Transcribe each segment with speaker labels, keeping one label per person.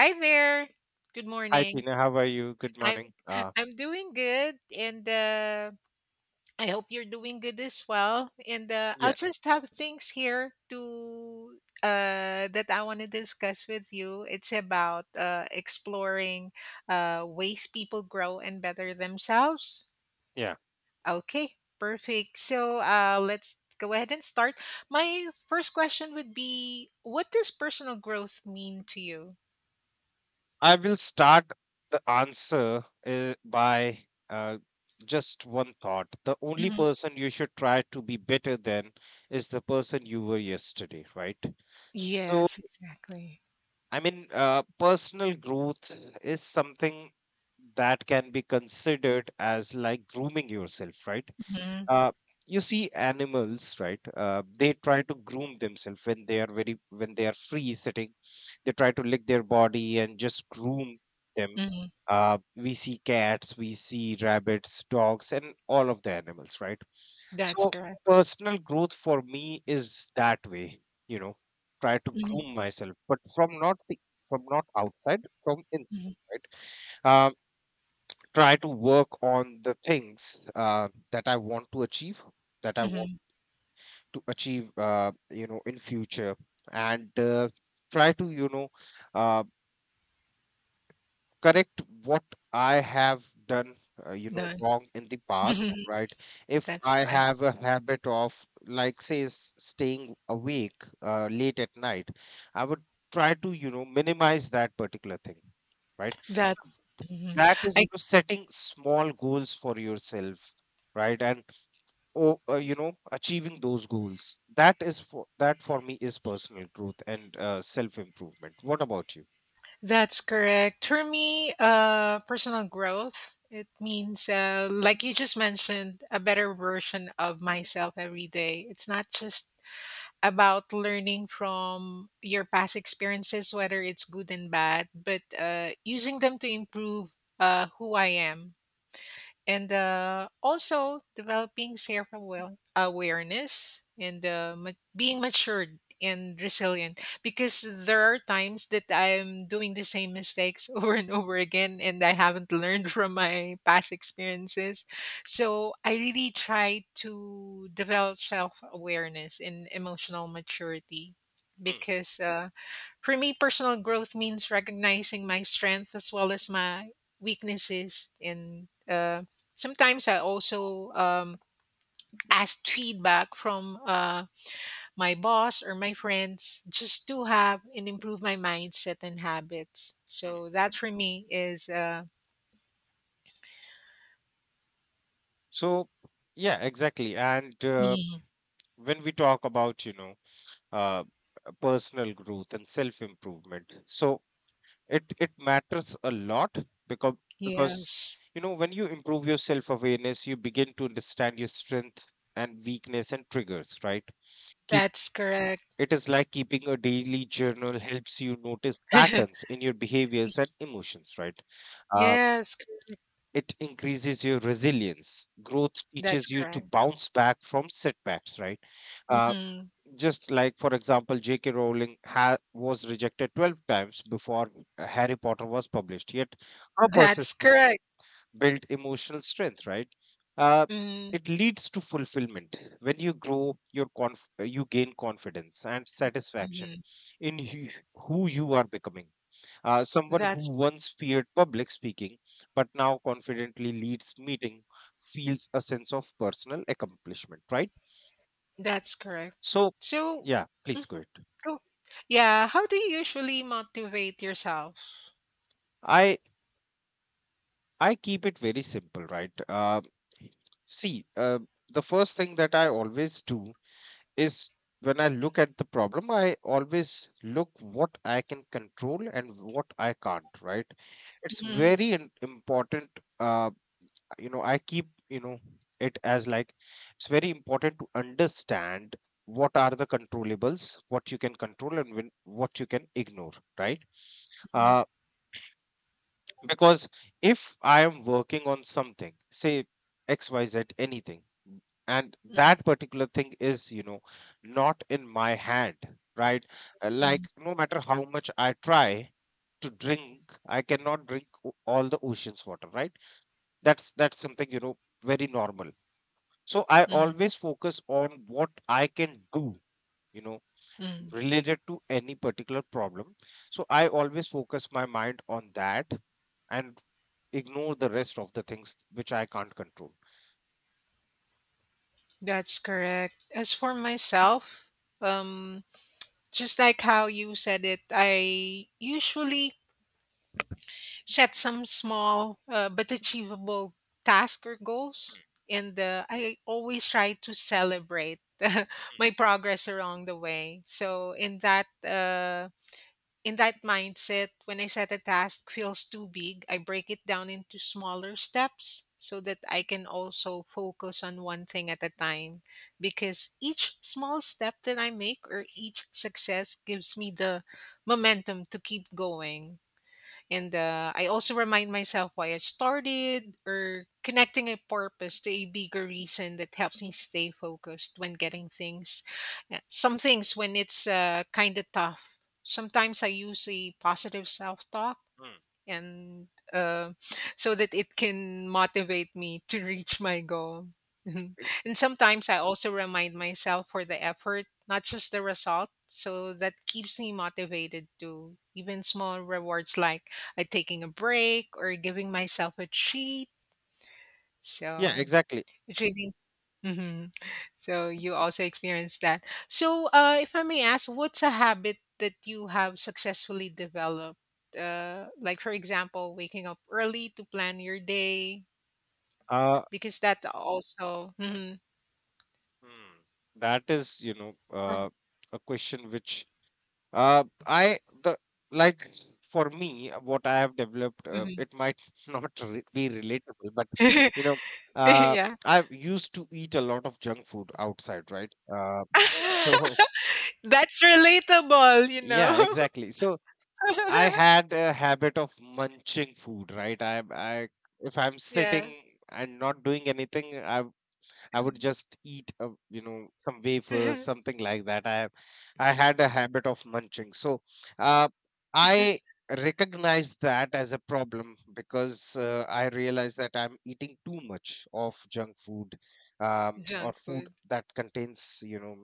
Speaker 1: Hi there. Good
Speaker 2: Hi
Speaker 1: morning.
Speaker 2: Tina, how are you? Good
Speaker 1: I'm
Speaker 2: morning. Uh,
Speaker 1: I'm doing good, and I hope you're doing good as well. And
Speaker 2: yeah,
Speaker 1: I'll just have things here to that I want to discuss with you. It's about exploring ways people grow and better themselves.
Speaker 2: yeah.
Speaker 1: Okay, perfect. So let's go ahead and start. My first question would be, what does personal growth mean to you?
Speaker 2: I will start the answer by uh, just one thought. The only
Speaker 1: Mhm.
Speaker 2: person you should try to be better than is the person you were yesterday, right? So,
Speaker 1: Yes, exactly.
Speaker 2: I mean, personal growth is something that can be considered as like grooming yourself, right? uh, you see animals, right? They try to groom themselves when they are free sitting. They try to lick their body and just groom them.
Speaker 1: Mhm.
Speaker 2: We see cats, we see rabbits, dogs, and all of the animals, right?
Speaker 1: That's
Speaker 2: So
Speaker 1: correct.
Speaker 2: personal growth for me is that way, you know try to
Speaker 1: Mhm,
Speaker 2: groom myself, but from not outside, from inside,
Speaker 1: mhm,
Speaker 2: right? Uh, try to work on the things that I want to achieve, that I want
Speaker 1: mhm.
Speaker 2: to achieve you know in future. And try to uh, correct what I have done
Speaker 1: Done.
Speaker 2: wrong in the past, right? If
Speaker 1: That's
Speaker 2: I
Speaker 1: correct.
Speaker 2: have a habit of, like, say, staying awake late at night, I would try to minimize that particular thing, right?
Speaker 1: That's mhm.
Speaker 2: That is,
Speaker 1: I
Speaker 2: setting small goals for yourself, right. And achieving those goals. That is, for me, is personal growth and self improvement. What about you?
Speaker 1: That's correct. For me, personal growth, it means like you just mentioned, a better version of myself every day. It's not just about learning from your past experiences, whether it's good and bad, but using them to improve who I am, and also developing self awareness, and being matured and resilient, because there are times that I'm doing the same mistakes over and over again and I haven't learned from my past experiences. So I really try to develop self awareness and emotional maturity,
Speaker 2: Mm,
Speaker 1: because for me, personal growth means recognizing my strengths as well as my weaknesses. And sometimes I also ask feedback from my boss or my friends just to have and improve my mindset and habits.
Speaker 2: mm.
Speaker 1: So that for me is,
Speaker 2: So, yeah, exactly. And
Speaker 1: Mm,
Speaker 2: when we talk about, uh, personal growth and self-improvement, so it matters a lot because because
Speaker 1: yes,
Speaker 2: when you improve your self-awareness, you begin to understand your strength and weakness and triggers, right?
Speaker 1: that's correct.
Speaker 2: It is like keeping a daily journal helps you notice patterns in your behaviors and emotions, right? Uh,
Speaker 1: yes, cor-
Speaker 2: it increases your resilience. Growth
Speaker 1: that's
Speaker 2: teaches you to
Speaker 1: correct.
Speaker 2: bounce back from setbacks, right? Uh,
Speaker 1: Mhm.
Speaker 2: just like, for example, J.K. Rowling was rejected 12 times before Harry Potter was published, yet her
Speaker 1: That's
Speaker 2: persistence
Speaker 1: correct.
Speaker 2: build emotional strength, right. uh,
Speaker 1: Mm-hmm.
Speaker 2: it leads to fulfillment when you grow your you gain confidence and satisfaction
Speaker 1: Mm-hmm.
Speaker 2: in who you are becoming. Someone who
Speaker 1: That's
Speaker 2: once feared public speaking but now confidently leads meeting feels a sense of personal accomplishment, right.
Speaker 1: That's correct.
Speaker 2: So
Speaker 1: So,
Speaker 2: yeah, please go
Speaker 1: mhm,
Speaker 2: ahead.
Speaker 1: go. Yeah, how do you usually motivate yourself?
Speaker 2: I i keep it very simple, right. See, the first thing that I always do is, when I look at the problem, I always look what I can control and what I can't, right? It's
Speaker 1: Mhm,
Speaker 2: very important. Uh, I keep, it as like, it's very important to understand what are the controllables, what you can control and when, what you can ignore, right?
Speaker 1: mhm,
Speaker 2: Uh, because if I am working on something, say XYZ, anything, and
Speaker 1: mhm,
Speaker 2: that particular thing is, not in my hand, right?
Speaker 1: mhm,
Speaker 2: Like, no matter how much I try to drink, I cannot drink all the ocean's water, right? That's something, very normal. So I
Speaker 1: mhm,
Speaker 2: always focus on what I can do, you know,
Speaker 1: mhm.
Speaker 2: related to any particular problem. So I always focus my mind on that and ignore the rest of the things which I can't control.
Speaker 1: That's correct. As for myself, um, just like how you said it, I usually set some small but achievable task or goals, and I always try to celebrate my progress along the way. So, in that, in that mindset, when I set a task feels too big, I break it down into smaller steps so that I can also focus on one thing at a time. Because each small step that I make or each success gives me the momentum to keep going. And I also remind myself why I started, or connecting a purpose to a bigger reason that helps me stay focused when getting things. Yeah, some things when it's kind of tough. Sometimes I use a positive self talk,
Speaker 2: Mm,
Speaker 1: and uh, so that it can motivate me to reach my goal.
Speaker 2: right.
Speaker 1: And sometimes I also remind myself for the effort, not just the result. So that keeps me motivated to even small rewards, like taking a break or giving myself a treat.
Speaker 2: Yeah,
Speaker 1: So
Speaker 2: exactly.
Speaker 1: really? Hmm. So you also experienced that. So, if I may ask, what's a habit that you have successfully developed? Like, for example, waking up early to plan your day,
Speaker 2: Uh,
Speaker 1: because that also. Hmm.
Speaker 2: mm, that is, a question which I the like for me, what I have developed. Uh, it might not re- be relatable, but you know, uh,
Speaker 1: Yeah.
Speaker 2: I used to eat a lot of junk food outside, right? So
Speaker 1: That's relatable, you know?
Speaker 2: yeah, exactly. So I had a habit of munching food, right? If I'm
Speaker 1: Yeah.
Speaker 2: sitting and not doing anything, I would just eat, some wafers, something like that. I had a habit of munching. So uh, I recognized that as a problem because I realized that I'm eating too much of junk food, or
Speaker 1: Junk
Speaker 2: food
Speaker 1: food.
Speaker 2: that contains,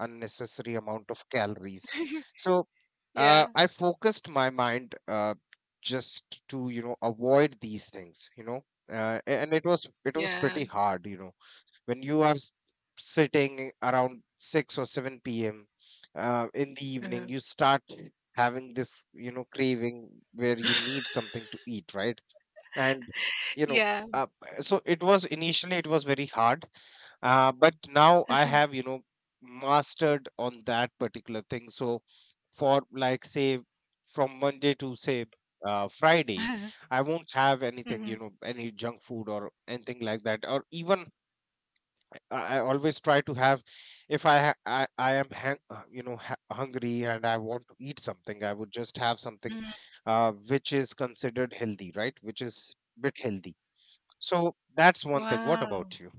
Speaker 2: unnecessary amount of calories. So
Speaker 1: Yeah.
Speaker 2: I focused my mind just to, avoid these things, and it was
Speaker 1: Yeah.
Speaker 2: pretty hard, you know, when you are sitting around 6 or 7 p.m. In the evening,
Speaker 1: Mhm.
Speaker 2: you start having this, craving, where you need something to eat, right? And you know
Speaker 1: Yeah.
Speaker 2: uh, so it was initially, it was very hard. But now I have, mastered on that particular thing. So, for like say, from Monday to say, Friday, I won't have anything,
Speaker 1: Mhm.
Speaker 2: any junk food or anything like that. Or even, I always try to have. If I am hang, you know ha- hungry and I want to eat something, I would just have something
Speaker 1: Mhm.
Speaker 2: which is considered healthy, right? Which is bit healthy. So that's one thing. What
Speaker 1: Wow.
Speaker 2: about you?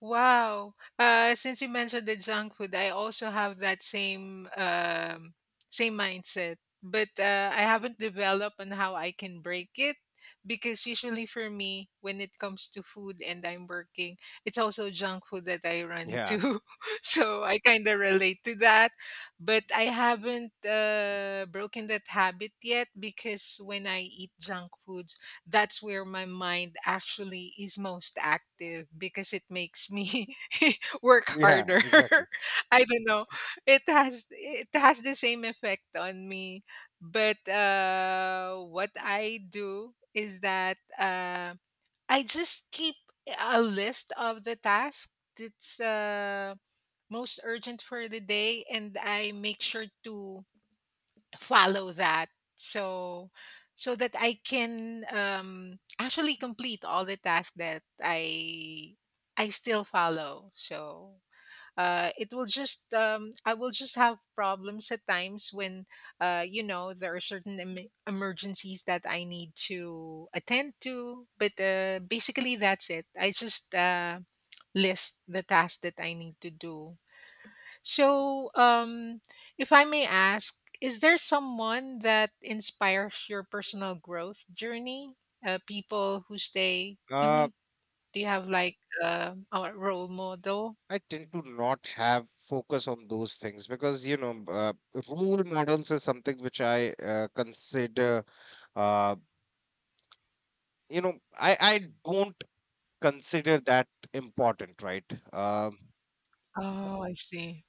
Speaker 1: Wow. Since you mentioned the junk food, I also have that same same mindset, but I haven't developed on how I can break it, because usually for me, when it comes to food and I'm working, it's also junk food that I run
Speaker 2: Yeah,
Speaker 1: to, so I kind of relate to that. But I haven't broken that habit yet, because when I eat junk food, that's where my mind actually is most active because it makes me work
Speaker 2: yeah,
Speaker 1: harder.
Speaker 2: exactly.
Speaker 1: I don't know. It has the same effect on me. But what I do is that I just keep a list of the tasks that's most urgent for the day, and I make sure to follow that, so so that I can actually complete all the tasks that I still follow. So it will just I will just have problems at times when you know there are certain emergencies that I need to attend to, but basically that's it. I just list the tasks that I need to do. So, if I may ask, is there someone that inspires your personal growth journey? People who stay. Hmm.
Speaker 2: Uh,
Speaker 1: Do you have like a role model?
Speaker 2: I tend to not have focus on those things because role models is something which I, consider. Uh, I don't consider that important, right? Um,
Speaker 1: Oh, I see.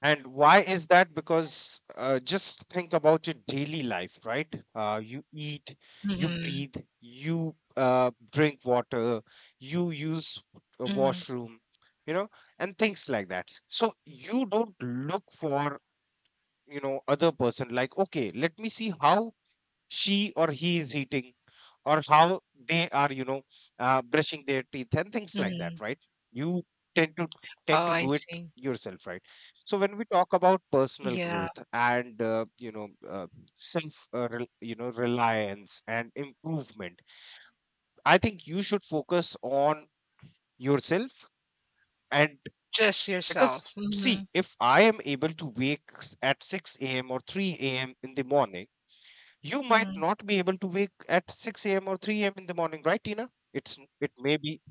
Speaker 2: And why is that? Because just think about your daily life, right? You eat, you
Speaker 1: Hmm.
Speaker 2: breathe, you drink water, you use a
Speaker 1: Hmm.
Speaker 2: washroom, you know, and things like that. So you don't look for, other person like, okay, let me see how she or he is eating, or how they are, brushing their teeth, and things like that,
Speaker 1: Hmm.
Speaker 2: right? You tend to tend
Speaker 1: Oh,
Speaker 2: to
Speaker 1: I
Speaker 2: do it
Speaker 1: see.
Speaker 2: yourself, right? So when we talk about personal
Speaker 1: Yeah,
Speaker 2: growth and self, reliance and improvement, I think you should focus on yourself. And
Speaker 1: just
Speaker 2: because,
Speaker 1: yourself. Hmm.
Speaker 2: see, if I am able to wake at 6 a.m. or 3 a.m. in the morning, you might
Speaker 1: Hmm.
Speaker 2: not be able to wake at 6 a.m. or 3 a.m. in the morning, right, Tina? It's it may be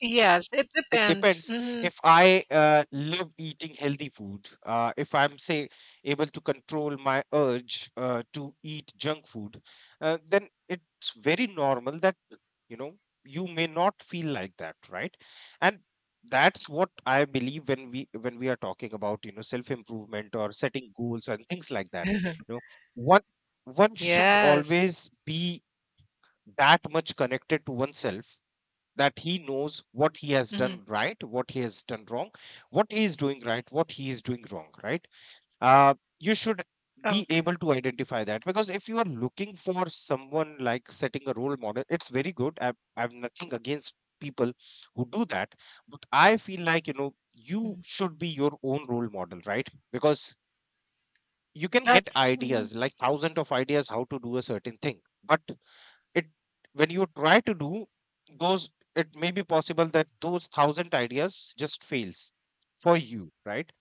Speaker 1: Yes, it
Speaker 2: It
Speaker 1: depends.
Speaker 2: depends.
Speaker 1: Hmm.
Speaker 2: If I love eating healthy food, if I'm, say, able to control my urge to eat junk food, then it's very normal that, you know you may not feel like that, right. And that's what I believe. When we are talking about, self improvement or setting goals and things like that, you know one one should
Speaker 1: Yes.
Speaker 2: always be that much connected to oneself, that he knows what he has
Speaker 1: Hmm.
Speaker 2: done right, what he has done wrong, what he is doing right, what he is doing wrong, right? Uh, you should be
Speaker 1: Okay.
Speaker 2: able to identify that, because if you are looking for someone, like setting a role model, it's very good. I have nothing against people who do that, but I feel like, you
Speaker 1: Mhm.
Speaker 2: should be your own role model, right? Because you can get
Speaker 1: That's mhm.
Speaker 2: ideas, like thousands of ideas how to do a certain thing, but it when you try to do those, it may be possible that those thousand ideas just fails for you, right.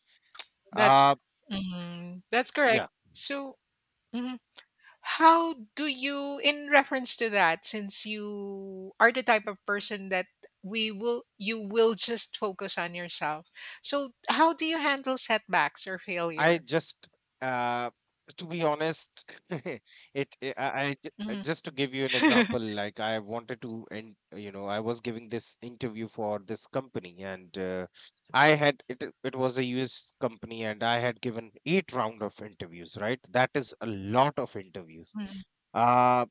Speaker 1: that's
Speaker 2: uh
Speaker 1: mhm. that's correct.
Speaker 2: yeah
Speaker 1: So. Mhm. How do you, in reference to that, since you are the type of person that we will you will just focus on yourself. So how do you handle setbacks or
Speaker 2: I
Speaker 1: failure?
Speaker 2: just, uh to be honest, it I ju-
Speaker 1: Mhm.
Speaker 2: just to give you an example, like, I wanted to, and I was giving this interview for this company, and I had it it was a US company, and I had given eight round of interviews, right? That is a lot of interviews.
Speaker 1: Mm,
Speaker 2: uh,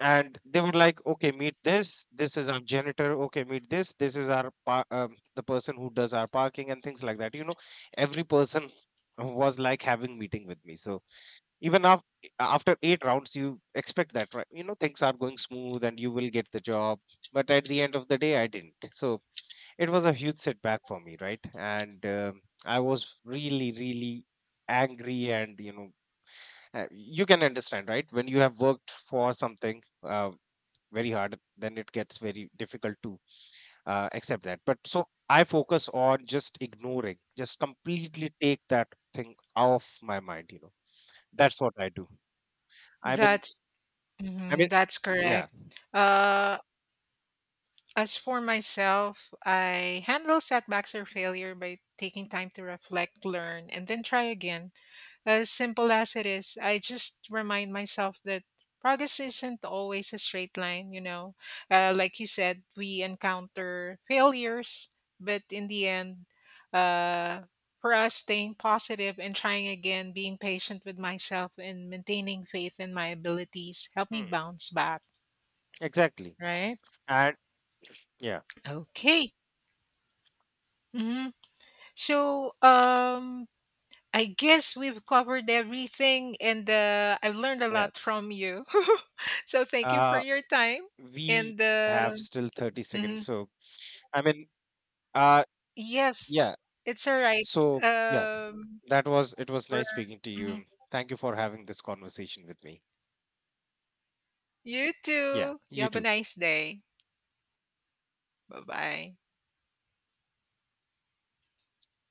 Speaker 2: and they were like, okay, meet this, this is our janitor. Okay, meet this, this is our the person who does our parking, and things like that, you know. Every person was like having meeting with me. So, even after, eight rounds, you expect that, right, things are going smooth and you will get the job, but at the end of the day, I didn't. So it was a huge setback for me, right. And I was really, really angry, and you can understand, right? When you have worked for something very hard, then it gets very difficult to accept that, but so I focus on just ignoring, just completely take that thing off my mind. That's what I do. i mean
Speaker 1: that's
Speaker 2: i mean
Speaker 1: mhm, that's correct.
Speaker 2: Yeah.
Speaker 1: Uh, as for myself, I handle setbacks or failure by taking time to reflect, learn, and then try again. As simple as it is, I just remind myself that progress isn't always a straight line, you know. Like you said, we encounter failures, but in the end, uh, for us, staying positive and trying again, being patient with myself, and maintaining faith in my abilities help me
Speaker 2: Hmm,
Speaker 1: bounce back,
Speaker 2: exactly.
Speaker 1: right?
Speaker 2: And yeah,
Speaker 1: Okay. Hmm. So, I guess we've covered everything, and I've learned a
Speaker 2: yeah.
Speaker 1: lot from you. So thank you for
Speaker 2: uh
Speaker 1: your time.
Speaker 2: we
Speaker 1: And
Speaker 2: have still 30 seconds.
Speaker 1: mhm.
Speaker 2: So, I mean, uh
Speaker 1: Yes,
Speaker 2: yeah.
Speaker 1: it's all right.
Speaker 2: So yeah,
Speaker 1: Um,
Speaker 2: that was it was
Speaker 1: we're
Speaker 2: nice speaking to
Speaker 1: mhm.
Speaker 2: you. Thank you for having this conversation with me.
Speaker 1: You
Speaker 2: Yeah,
Speaker 1: too. You
Speaker 2: you
Speaker 1: have a
Speaker 2: too.
Speaker 1: nice day. Bye bye.